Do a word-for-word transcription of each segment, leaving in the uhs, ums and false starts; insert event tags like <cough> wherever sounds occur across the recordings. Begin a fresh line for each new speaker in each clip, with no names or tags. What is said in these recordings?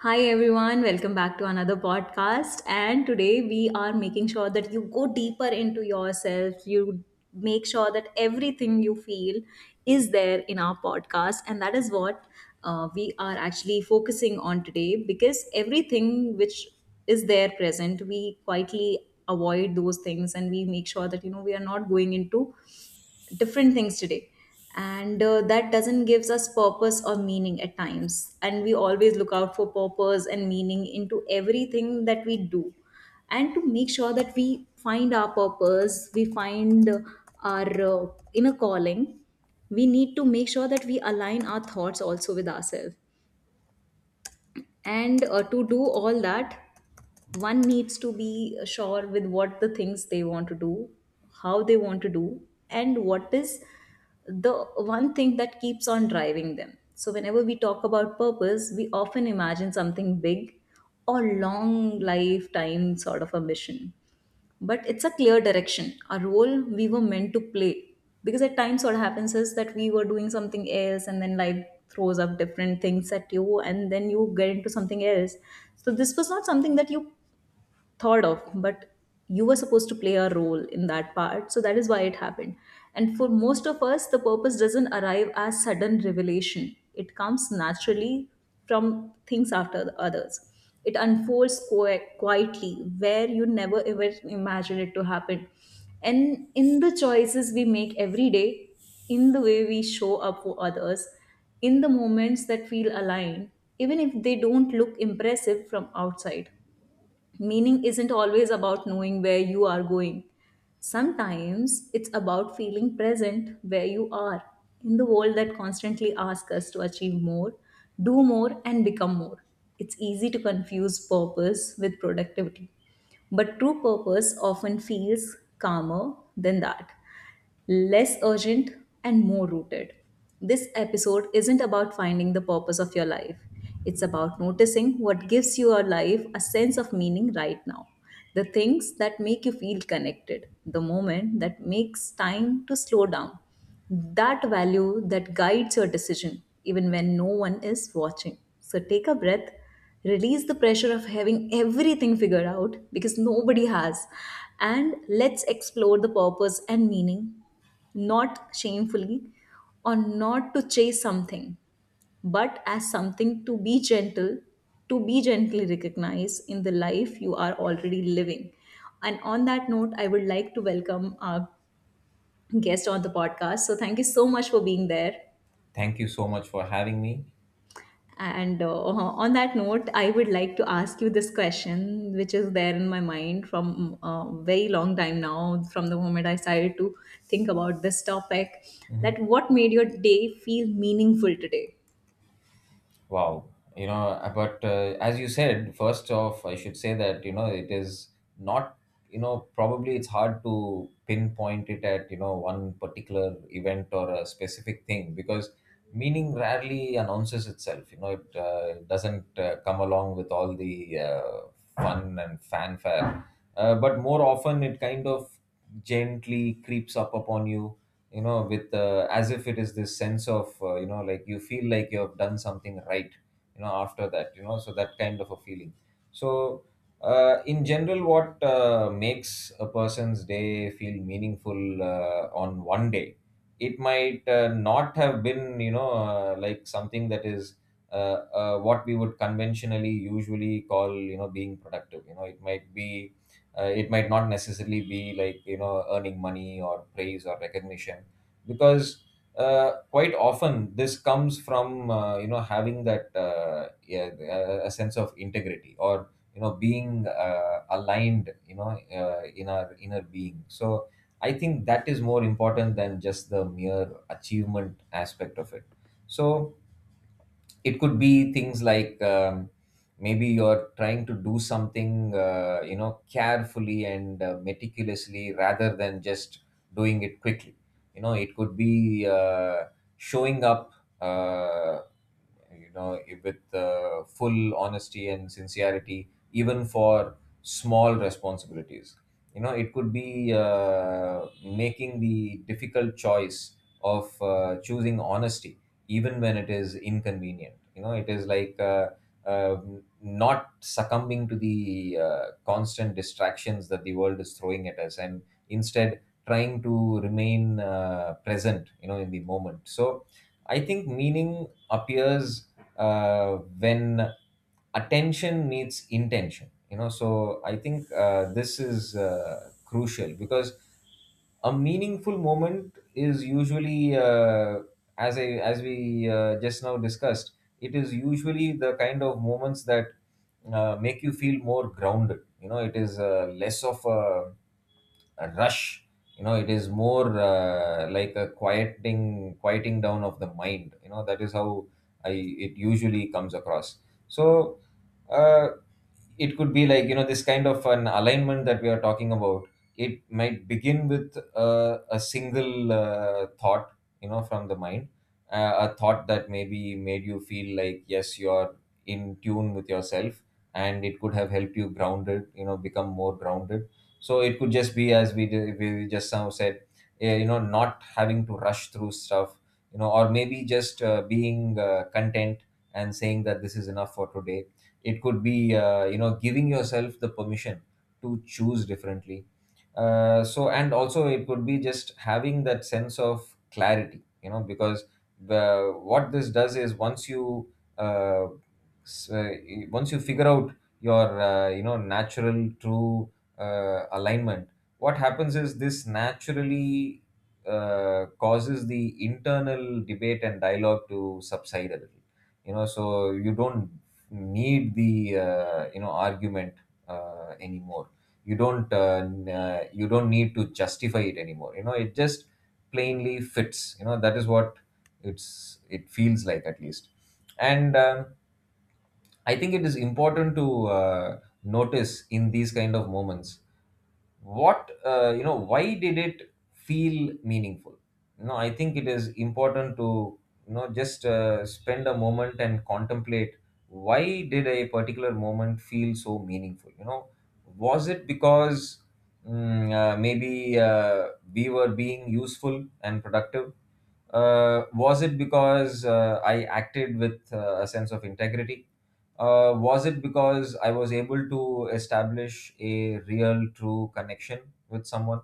Hi everyone, welcome back to another podcast. And today we are making sure that you go deeper into yourself, you make sure that everything you feel is there in our podcast. And that is what uh, we are actually focusing on today, because everything which is there present, we quietly avoid those things and we make sure that you know we are not going into different things today, and uh, that doesn't gives us purpose or meaning at times, and we always look out for purpose and meaning into everything that we do. And to make sure that we find our purpose, we find uh, our uh, inner calling, we need to make sure that we align our thoughts also with ourselves. And uh, to do all that, one needs to be sure with what the things they want to do, how they want to do, and what is the one thing that keeps on driving them. So, whenever we talk about purpose, we often imagine something big or long lifetime sort of a mission, but it's a clear direction, a role we were meant to play. Because at times what happens is that we were doing something else and then life throws up different things at you and then you get into something else. So this was not something that you thought of, but you were supposed to play a role in that part, so that is why it happened. And for most of us the purpose doesn't arrive as sudden revelation, it comes naturally from things after the others. It unfolds qui- quietly, where you never ever imagine it to happen, and in the choices we make every day, in the way we show up for others, in the moments that feel aligned, even if they don't look impressive from outside. Meaning isn't always about knowing where you are going. Sometimes it's about feeling present where you are, in the world that constantly asks us to achieve more, do more, and become more. It's easy to confuse purpose with productivity, but true purpose often feels calmer than that, less urgent and more rooted. This episode isn't about finding the purpose of your life. It's about noticing what gives your life a sense of meaning right now. The things that make you feel connected, the moment that makes time to slow down, that value that guides your decision, even when no one is watching. So take a breath, release the pressure of having everything figured out because nobody has, and let's explore the purpose and meaning, not shamefully or not to chase something, but as something to be gentle, to be gently recognized in the life you are already living. And on that note, I would like to welcome our guest on the podcast. So thank you so much for being there.
Thank you so much for having me.
And uh, on that note, I would like to ask you this question, which is there in my mind from a very long time now, from the moment I started to think about this topic,
Mhm.
that what made your day feel meaningful today?
Wow. You know, uh, but uh, as you said, first off, I should say that, you know, it is not, you know, probably it's hard to pinpoint it at, you know, one particular event or a specific thing because meaning rarely announces itself. You know, it uh, doesn't uh, come along with all the uh, fun and fanfare. Uh, but more often, it kind of gently creeps up upon you you know with uh, as if it is this sense of uh, you know like you feel like you have done something right you know after that, you know, so that kind of a feeling. So uh, in general, what uh, makes a person's day feel meaningful, uh, on one day it might uh, not have been, you know uh, like something that is uh, uh, what we would conventionally usually call, you know being productive. You know, it might be uh, it might not necessarily be like, you know earning money or praise or recognition, because uh, quite often this comes from, uh, you know having that, uh, yeah, a a sense of integrity or, you know being uh, aligned, you know uh, in our inner being. So I think that is more important than just the mere achievement aspect of it. So it could be things like, um, maybe you're trying to do something uh, you know carefully and uh, meticulously rather than just doing it quickly. You know, it could be uh, showing up uh, you know with uh, full honesty and sincerity even for small responsibilities. You know, it could be uh, making the difficult choice of uh, choosing honesty even when it is inconvenient. You know, it is like uh, um not succumbing to the uh, constant distractions that the world is throwing at us, and instead trying to remain uh, present, you know in the moment. So I think meaning appears uh, when attention meets intention. You know, so I think uh, this is uh, crucial, because a meaningful moment is usually, uh, as i as we uh, just now discussed, it is usually the kind of moments that uh, make you feel more grounded. You know, it is uh, less of a, a rush. You know, it is more uh, like a quieting quieting down of the mind. You know, that is how I it usually comes across. So uh, it could be like, you know this kind of an alignment that we are talking about. It might begin with uh, a single uh, thought, you know from the mind, uh, a thought that maybe made you feel like, yes, you're in tune with yourself, and it could have helped you grounded, you know become more grounded. So it could just be, as we did, we just now said, eh, you know not having to rush through stuff, you know or maybe just uh, being uh, content and saying that this is enough for today. It could be, uh, you know giving yourself the permission to choose differently. uh, so and also, it could be just having that sense of clarity, you know because the what this does is, once you uh, s- uh, once you figure out your, uh, you know natural true uh, alignment, what happens is this naturally uh, causes the internal debate and dialogue to subside a little. You know, so you don't need the, uh, you know argument uh, anymore. You don't uh, n- uh, you don't need to justify it anymore. You know, it just plainly fits. You know, that is what it's it feels like, at least. And um, I think it is important to uh, notice in these kind of moments what, uh, you know why did it feel meaningful. No, I think it is important to, you know just uh, spend a moment and contemplate why did a particular moment feel so meaningful. You know, was it because mm, uh, maybe uh, we were being useful and productive? uh, was it because uh, I acted with uh, a sense of integrity? uh, was it because I was able to establish a real, true connection with someone?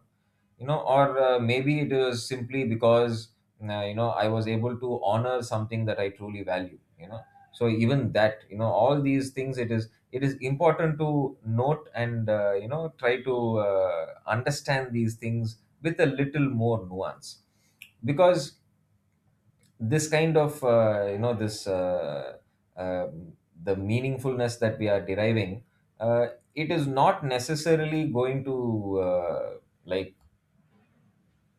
You know, or uh, maybe it was simply because, uh, you know, I was able to honor something that I truly value, you know. So even that, you know, all these things, it is it is important to note, and uh, you know try to uh, understand these things with a little more nuance, because this kind of, uh, you know this uh, um the meaningfulness that we are deriving, uh, it is not necessarily going to uh, like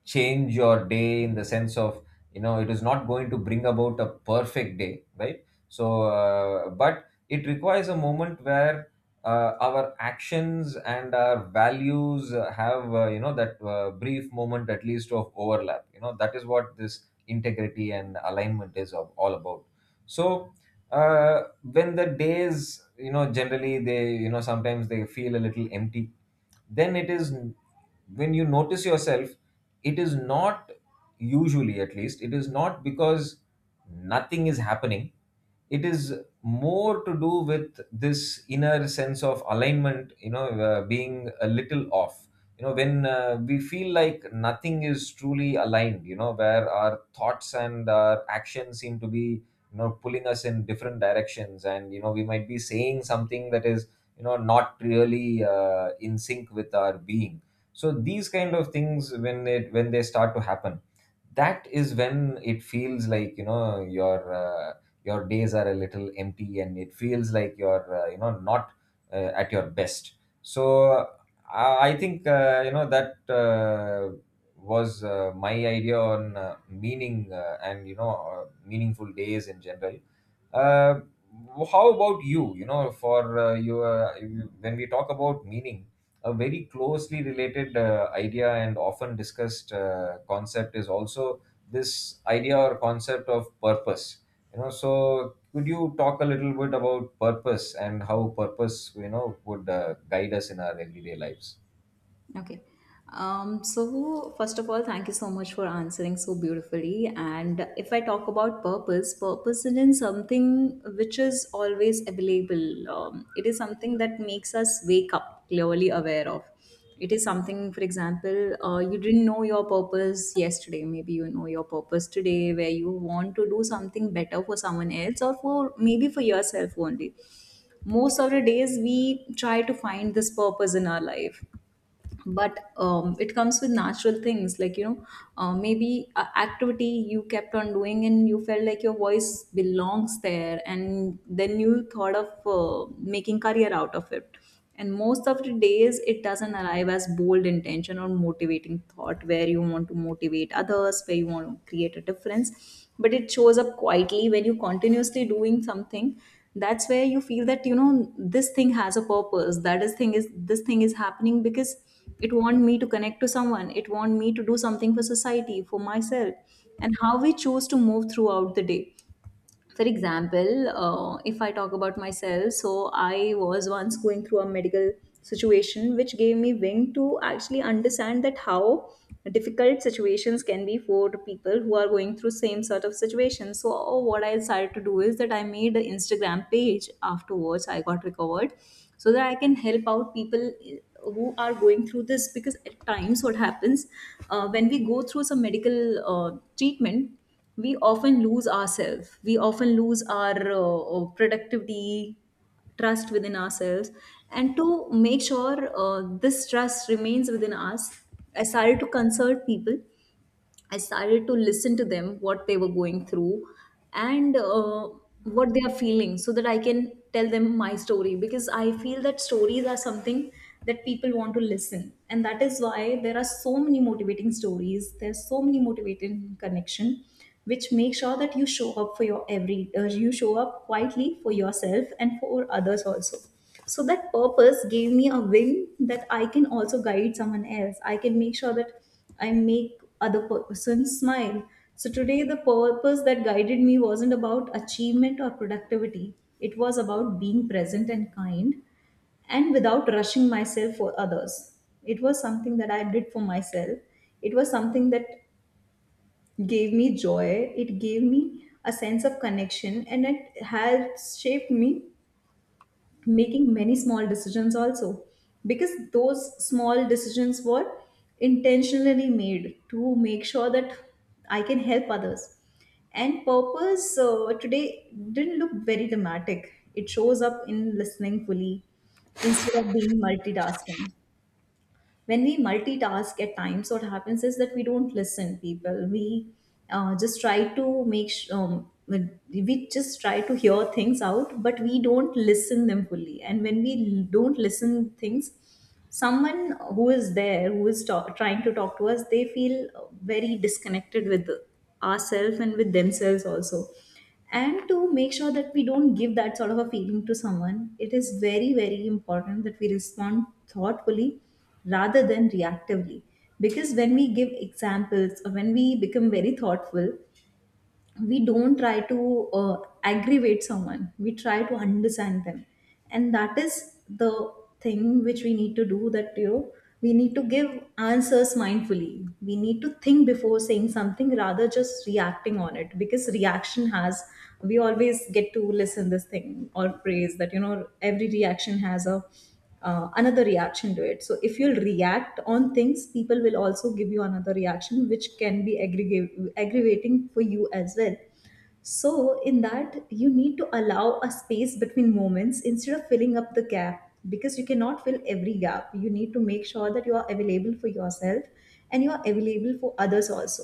change your day, in the sense of, you know it is not going to bring about a perfect day, right? So uh, but it requires a moment where uh, our actions and our values uh, have, uh, you know that uh, brief moment at least of overlap. You know, that is what this integrity and alignment is of, all about. So uh, when the days, you know generally they, you know sometimes they feel a little empty, then it is, when you notice yourself, it is not, usually, at least, it is not because nothing is happening. It is more to do with this inner sense of alignment, you know uh, being a little off. You know, when uh, we feel like nothing is truly aligned, you know where our thoughts and our actions seem to be, you know pulling us in different directions, and, you know we might be saying something that is, you know not really uh, in sync with our being. So these kind of things, when it when they start to happen, that is when it feels like, you know your uh, your days are a little empty, and it feels like you're uh, you know not uh, at your best. So I I think, uh, you know that uh, was uh, my idea on uh, meaning, uh, and, you know uh, meaningful days in general. uh, how about you? You know, for, uh, your you, when we talk about meaning, a very closely related uh, idea and often discussed uh, concept is also this idea or concept of purpose. You know, so could you talk a little bit about purpose, and how purpose, you know would uh, guide us in our everyday lives?
Okay. Um, so first of all, thank you so much for answering so beautifully. And if I talk about purpose, purpose is something which is always available. Um, it is something that makes us wake up clearly aware of. It is something, for example, uh, you didn't know your purpose yesterday. Maybe you know your purpose today, where you want to do something better for someone else or for maybe for yourself only. Most of the days, we try to find this purpose in our life, but um, it comes with natural things, like you know uh, maybe a activity you kept on doing and you felt like your voice belongs there, and then you thought of uh, making career out of it. And most of the days it doesn't arrive as bold intention or motivating thought where you want to motivate others, where you want to create a difference, but it shows up quietly when you continuously doing something. That's where you feel that you know this thing has a purpose, that is thing is this thing is happening because it want me to connect to someone, it want me to do something for society, for myself, and how we choose to move throughout the day. For example, uh, if I talk about myself, so I was once going through a medical situation, which gave me wing to actually understand that how difficult situations can be for the people who are going through same sort of situations. So what I decided to do is that I made an Instagram page afterwards I got recovered, so that I can help out people uh, who are going through this. Because at times what happens, uh, when we go through some medical uh, treatment, we often lose ourselves, we often lose our uh, uh, productivity, trust within ourselves. And to make sure uh, this trust remains within us, I started to consult people, I started to listen to them, what they were going through, and uh, what they are feeling, so that I can tell them my story. Because I feel that stories are something that people want to listen, and that is why there are so many motivating stories. There's so many motivating connection, which make sure that you show up for your every, uh, you show up quietly for yourself and for others also. So that purpose gave me a wing that I can also guide someone else. I can make sure that I make other person smile. So today, the purpose that guided me wasn't about achievement or productivity. It was about being present and kind, and without rushing myself for others. It was something that I did for myself. It was something that gave me joy. It gave me a sense of connection and it has shaped me, making many small decisions also, because those small decisions were intentionally made to make sure that I can help others. And purpose uh, today didn't look very dramatic. It shows up in listening fully instead of being multitasking. When we multitask, at times what happens is that we don't listen people, we uh, just try to make sh- um, we just try to hear things out, but we don't listen them fully. And when we don't listen things, someone who is there who is ta- trying to talk to us, they feel very disconnected with ourselves and with themselves also. And to make sure that we don't give that sort of a feeling to someone, it is very very important that we respond thoughtfully rather than reactively. Because when we give examples or when we become very thoughtful, we don't try to uh, aggravate someone, we try to understand them. And that is the thing which we need to do, that you know we need to give answers mindfully, we need to think before saying something rather just reacting on it. Because reaction has, we always get to listen this thing or phrase that you know every reaction has a uh, another reaction to it. So if you'll react on things, people will also give you another reaction, which can be aggregate, aggravating for you as well. So in that, you need to allow a space between moments instead of filling up the gap, because you cannot fill every gap. You need to make sure that you are available for yourself and you are available for others also.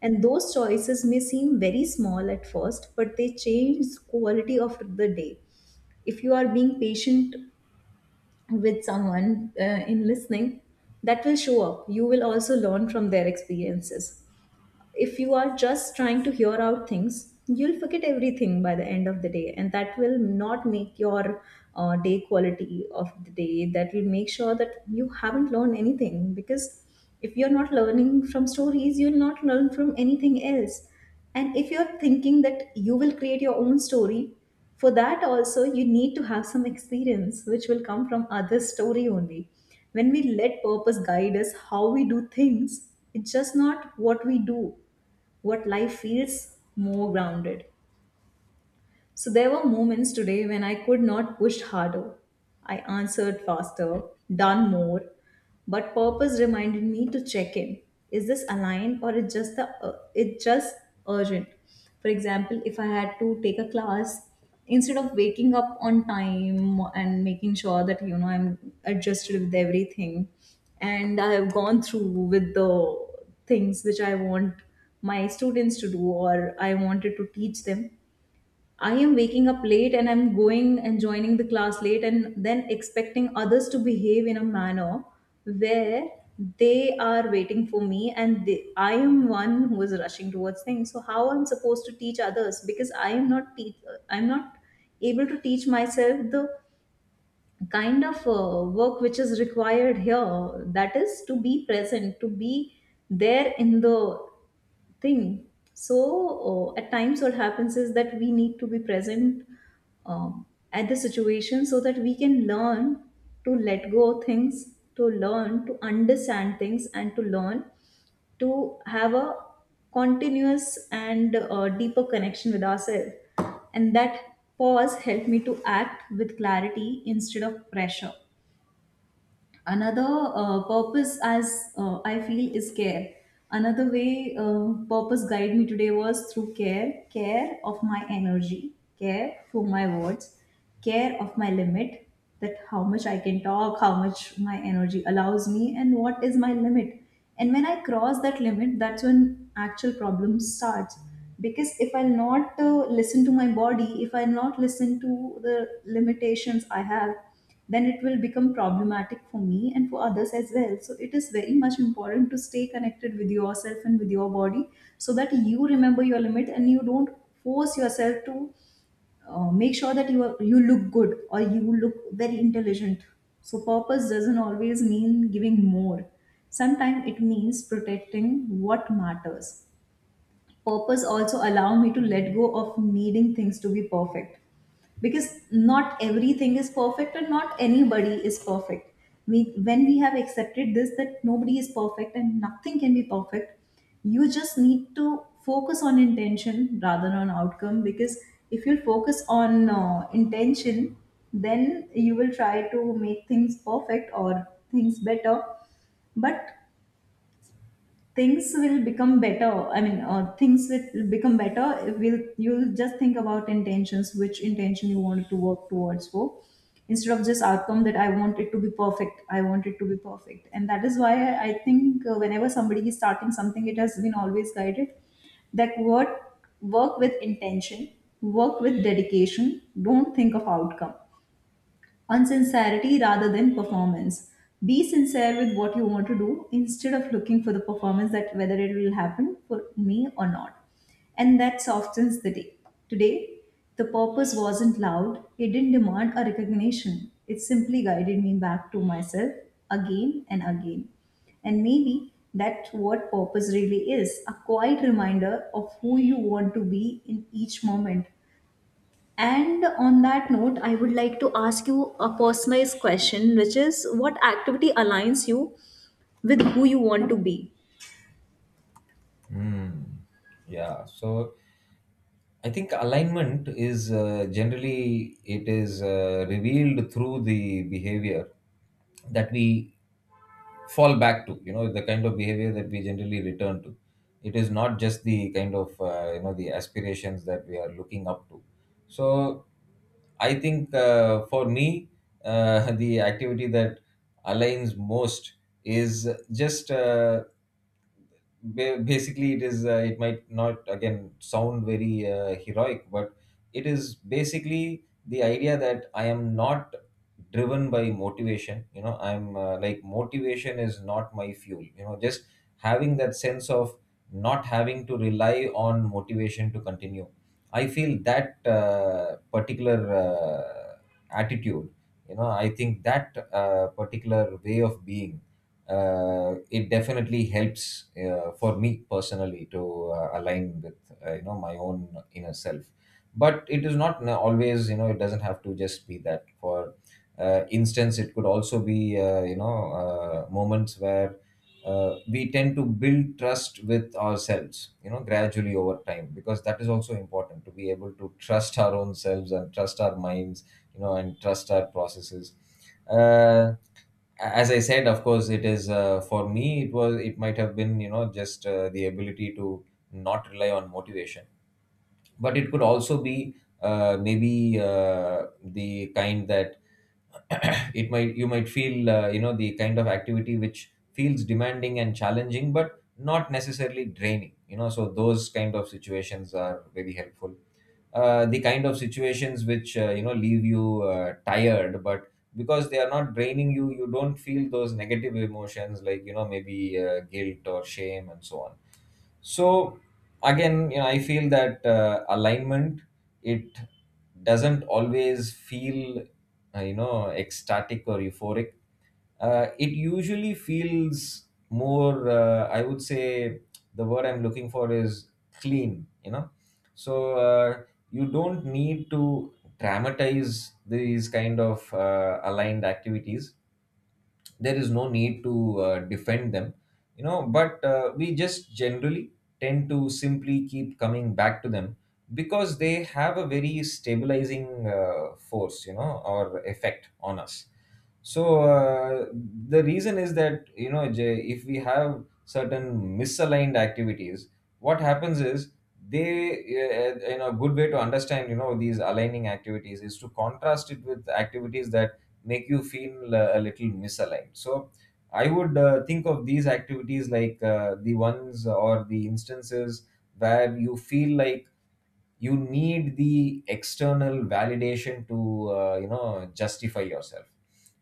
And those choices may seem very small at first, but they change quality of the day. If you are being patient with someone uh, in listening, that will show up, you will also learn from their experiences. If you are just trying to hear out things, you'll forget everything by the end of the day, and that will not make your uh, day quality of the day. That will make sure that you haven't learned anything, because if you're not learning from stories, you'll not learn from anything else. And if you're thinking that you will create your own story, for that also you need to have some experience which will come from other story only. When we let purpose guide us how we do things, it's just not what we do, what life feels more grounded. So there were moments today when I could not push harder, I answered faster, done more, but purpose reminded me to check in. Is this aligned or it just the uh, it just urgent? For example, if I had to take a class, instead of waking up on time and making sure that you know I'm adjusted with everything, and I have gone through with the things which I want my students to do or I wanted to teach them, I am waking up late and I'm going and joining the class late and then expecting others to behave in a manner where they are waiting for me and they, I am one who is rushing towards things. So how I'm supposed to teach others? Because I am not teach, I'm not able to teach myself the kind of uh, work which is required here, that is to be present, to be there in the thing. So uh, at times, what happens is that we need to be present um, at the situation so that we can learn to let go of things, to learn to understand things, and to learn to have a continuous and uh, deeper connection with ourselves. And that pause helped me to act with clarity instead of pressure. Another uh, purpose, as uh, I feel, is care. Another way uh, purpose guide me today was through care, care of my energy, care for my words, care of my limit, that how much I can talk, how much my energy allows me, and what is my limit. And when I cross that limit, that's when actual problem starts, because if I'll not uh, listen to my body, if I'll not listen to the limitations I have, then it will become problematic for me and for others as well. So it is very much important to stay connected with yourself and with your body so that you remember your limit and you don't force yourself to uh, make sure that you are, you look good or you look very intelligent. So purpose doesn't always mean giving more. Sometimes it means protecting what matters. Purpose also allow me to let go of needing things to be perfect, because not everything is perfect and not anybody is perfect. We, when we have accepted this that nobody is perfect and nothing can be perfect, you just need to focus on intention rather than on outcome. Because if you focus on uh, intention, then you will try to make things perfect, or things better, but things will become better. I mean uh, things will become better if we'll you'll just think about intentions, which intention you wanted to work towards for, instead of just outcome that I want it to be perfect, I want it to be perfect. And that is why I think uh, whenever somebody is starting something, it has been always guided that work, work with intention, work with dedication, don't think of outcome. Unsincerity, rather than performance. Be sincere with what you want to do instead of looking for the performance, that whether it will happen for me or not. And that softens the day. Today, the purpose wasn't loud, it didn't demand a recognition. It simply guided me back to myself, again and again. And maybe that's what purpose really is, a quiet reminder of who you want to be in each moment. And on that note, I would like to ask you a personalized question, which is what activity aligns you with who you want to be?
Hmm. Yeah, so I think alignment is, uh, generally, it is uh, revealed through the behavior that we fall back to. You know, the kind of behavior that we generally return to. It is not just the kind of, uh, you know the aspirations that we are looking up to. So I think uh, for me, uh, <laughs> the activity that aligns most is just uh, ba- basically it is uh, it might not again sound very uh, heroic, but it is basically the idea that I am not driven by motivation. You know, I'm uh, like motivation is not my fuel. You know, just having that sense of not having to rely on motivation to continue. I feel that uh, particular uh, attitude, you know I think that uh, particular way of being, uh, it definitely helps uh, for me personally, to uh, align with, uh, you know my own inner self. But it is not n- always, you know it doesn't have to just be that. For uh, instance, it could also be, uh, you know uh, moments where uh, we tend to build trust with ourselves, you know gradually over time, because that is also important, to be able to trust our own selves and trust our minds, you know and trust our processes. Uh, as I said, of course, it is, uh, for me, it was, it might have been, you know just uh, the ability to not rely on motivation. But it could also be uh, maybe uh, the kind that <clears throat> it might, you might feel, uh, you know the kind of activity which feels demanding and challenging but not necessarily draining. You know, so those kind of situations are very helpful. uh, the kind of situations which, uh, you know leave you uh, tired, but because they are not draining you, you don't feel those negative emotions, like, you know maybe uh, guilt or shame and so on. So again, you know I feel that uh, alignment, it doesn't always feel uh, you know ecstatic or euphoric. uh, it usually feels more uh, I would say, the word I'm looking for is clean, you know. So uh, you don't need to dramatize these kind of uh, aligned activities. There is no need to uh, defend them. You know, but uh, we just generally tend to simply keep coming back to them, because they have a very stabilizing uh, force, you know or effect on us. So uh, the reason is that, you know, Jay, if we have certain misaligned activities, what happens is they uh, you know a good way to understand you know these aligning activities is to contrast it with activities that make you feel uh, a little misaligned. So I would uh, think of these activities like uh, the ones or the instances where you feel like you need the external validation to uh, you know justify yourself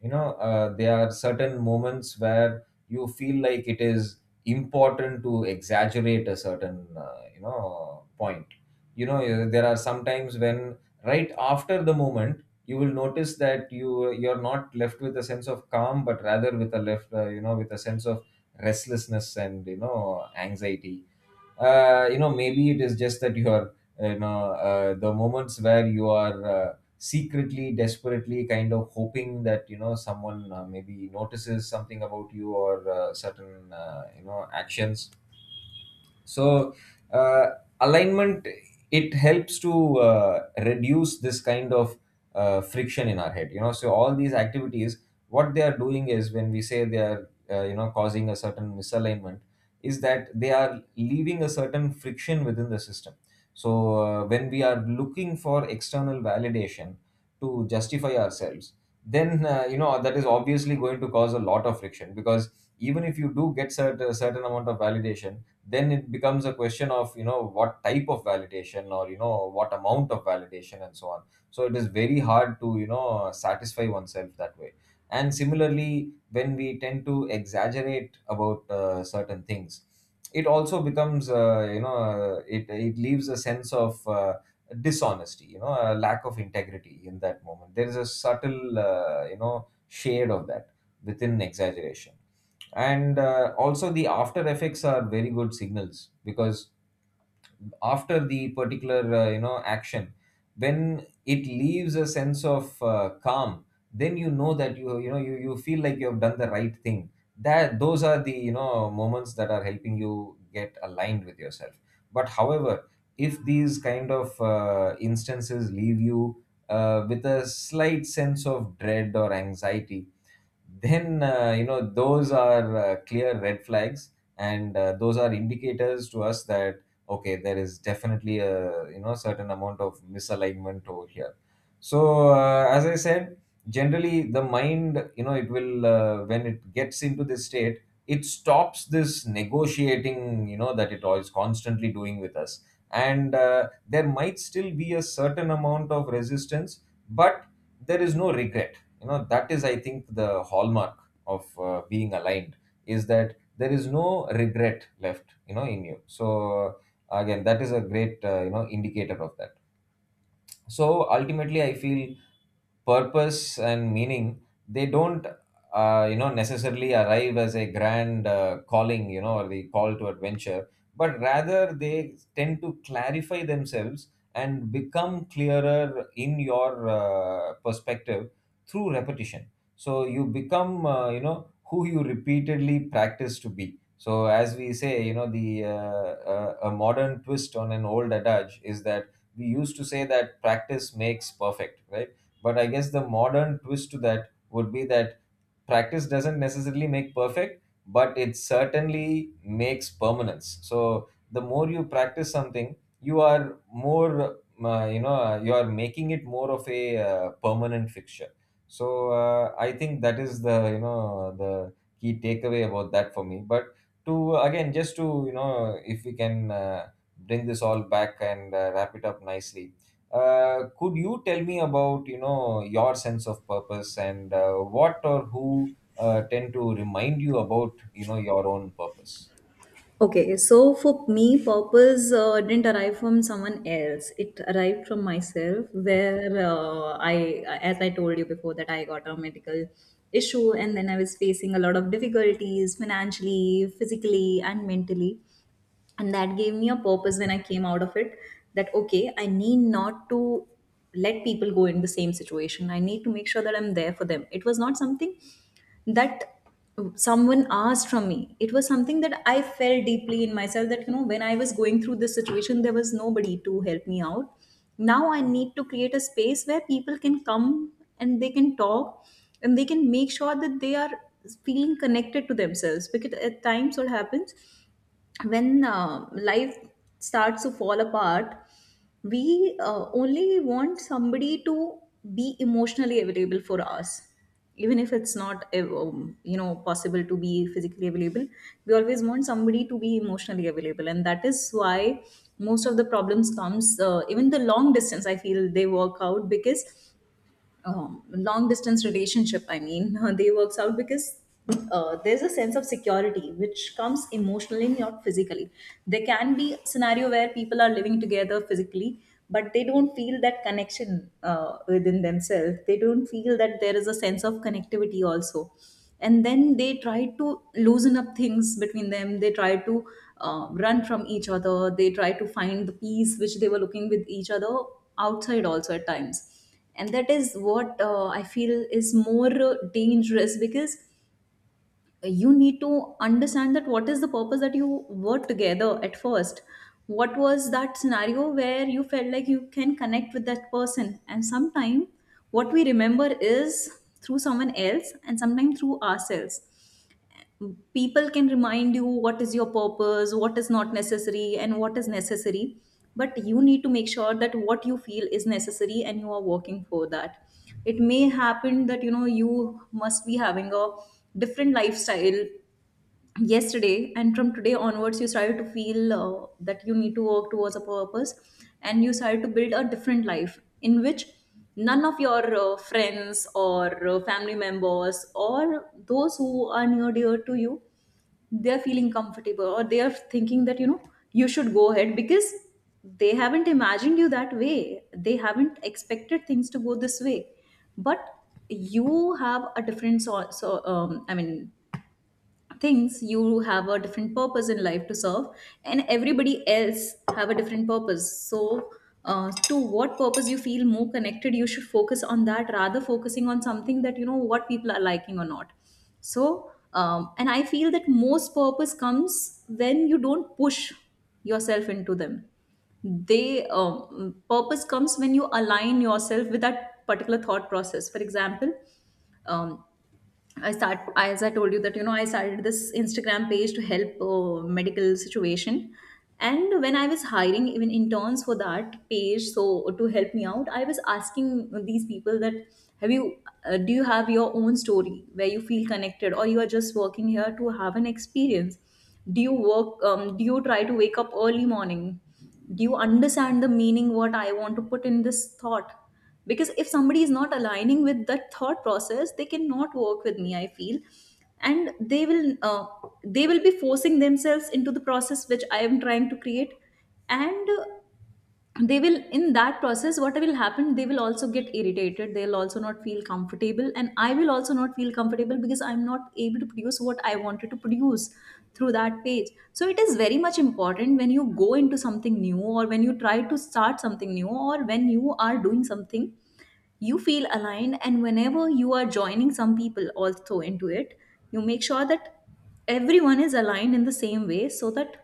you know uh, There are certain moments where you feel like it is important to exaggerate a certain uh, you know point you know uh, There are sometimes when, right after the moment, you will notice that you you're not left with a sense of calm but rather with a left uh, you know with a sense of restlessness and you know anxiety. Uh, you know maybe it is just that you are uh, you know uh, the moments where you are uh, secretly, desperately kind of hoping that you know someone uh, maybe notices something about you, or uh, certain uh, you know actions. so uh, Alignment, it helps to uh, reduce this kind of uh, friction in our head you know so all these activities, what they are doing is when we say they are uh, you know causing a certain misalignment is that they are leaving a certain friction within the system. So uh, when we are looking for external validation to justify ourselves, then uh, you know that is obviously going to cause a lot of friction because even if you do get cert- a certain amount of validation, then it becomes a question of you know what type of validation or you know what amount of validation and so on. So it is very hard to you know satisfy oneself that way. And similarly, when we tend to exaggerate about uh, certain things, it also becomes uh, you know uh, it it leaves a sense of uh, dishonesty you know a lack of integrity. In that moment there is a subtle uh, you know shade of that within exaggeration. And uh, also the after effects are very good signals, because after the particular uh, you know action, when it leaves a sense of uh, calm, then you know that you you know you, you feel like you have done the right thing. That those are the you know moments that are helping you get aligned with yourself. But however, if these kind of uh, instances leave you uh, with a slight sense of dread or anxiety, then uh, you know those are uh, clear red flags, and uh, those are indicators to us that, okay, there is definitely a you know certain amount of misalignment over here. So uh, as I said, generally the mind, you know it will uh, when it gets into this state, it stops this negotiating, you know that it is constantly doing with us. And uh, there might still be a certain amount of resistance, but there is no regret, you know that is, I think, the hallmark of uh, being aligned is that there is no regret left you know in you. So uh, again, that is a great uh, you know indicator of that. So ultimately I feel purpose and meaning, they don't uh, you know necessarily arrive as a grand uh, calling, you know or the call to adventure, but rather they tend to clarify themselves and become clearer in your uh, perspective through repetition. So you become uh, you know who you repeatedly practice to be. So as we say, you know the uh, uh, a modern twist on an old adage is that we used to say that practice makes perfect, right? But I guess the modern twist to that would be that practice doesn't necessarily make perfect, but it certainly makes permanence. So the more you practice something, you are more uh, you know you are making it more of a uh, permanent fixture. So uh, I think that is the you know the key takeaway about that for me. But to again, just to you know if we can uh, bring this all back and uh, wrap it up nicely, uh, could you tell me about you know your sense of purpose and uh, what or who uh, tend to remind you about you know your own purpose?
Okay, so for me, purpose uh, didn't arrive from someone else. It arrived from myself, where uh, I, as I told you before, that I got a medical issue and then I was facing a lot of difficulties financially, physically, and mentally. And that gave me a purpose when I came out of it, that okay, I need not to let people go in the same situation. I need to make sure that I'm there for them. It was not something that someone asked from me. It was something that I felt deeply in myself, that you know when I was going through this situation, there was nobody to help me out. Now I need to create a space where people can come and they can talk and they can make sure that they are feeling connected to themselves. Because at times, what happens when uh, life starts to fall apart, we uh, only want somebody to be emotionally available for us, even if it's not uh, um, you know possible to be physically available. We always want somebody to be emotionally available, and that is why most of the problems comes. Uh, even the long distance, I feel they work out, because um, long distance relationship, i mean <laughs> they works out because uh, there's a sense of security which comes emotionally, not physically. There can be scenario where people are living together physically, but they don't feel that connection uh, within themselves. They don't feel that there is a sense of connectivity also, and then they try to loosen up things between them. They try to uh, run from each other. They try to find the peace which they were looking with each other outside also at times. And that is what uh, I feel is more uh, dangerous, because you need to understand that what is the purpose that you were together at first, what was that scenario where you felt like you can connect with that person. And sometimes what we remember is through someone else, and sometimes through ourselves. People can remind you what is your purpose, what is not necessary and what is necessary, but you need to make sure that what you feel is necessary and you are working for that. It may happen that you know you must be having a different lifestyle yesterday, and from today onwards you started to feel uh, that you need to work towards a purpose, and you started to build a different life in which none of your uh, friends or uh, family members or those who are near dear to you, they're feeling comfortable or they are thinking that you know you should go ahead, because they haven't imagined you that way, they haven't expected things to go this way. But you have a different, so, so um, I mean things you have a different purpose in life to serve, and everybody else have a different purpose. So uh, to what purpose you feel more connected, you should focus on that, rather focusing on something that you know what people are liking or not. So um, and I feel that most purpose comes when you don't push yourself into them. They um, Purpose comes when you align yourself with that particular thought process. For example, um, I start as I told you that you know I started this Instagram page to help uh, medical situation, and when I was hiring even interns for that page, so to help me out, I was asking these people that have you uh, do you have your own story where you feel connected, or you are just working here to have an experience? Do you work? Um, do you try to wake up early morning? Do you understand the meaning what I want to put in this thought? Because if somebody is not aligning with that thought process, they cannot work with me, I feel. And they will uh, they will be forcing themselves into the process which I am trying to create. And uh, they will, in that process, what will happen, they will also get irritated, they'll also not feel comfortable, and I will also not feel comfortable, because I'm not able to produce what I wanted to produce through that page. So it is very much important when you go into something new, or when you try to start something new, or when you are doing something, you feel aligned. And whenever you are joining some people also into it, you make sure that everyone is aligned in the same way, so that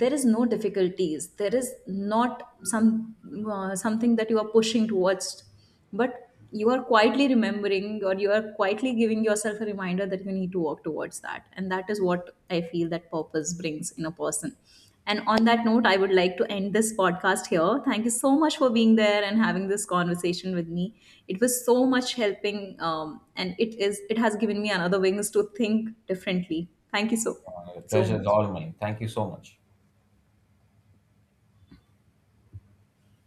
there is no difficulties, there is not some uh, something that you are pushing towards, but you are quietly remembering, or you are quietly giving yourself a reminder that you need to work towards that. And that is what I feel that purpose brings in a person. And on that note, I would like to end this podcast here. Thank you so much for being there and having this conversation with me. It was so much helping, um, and it is it has given me another wings to think differently. Thank you so
Uh,
so
pleasure is
much.
all mine. Thank you so much.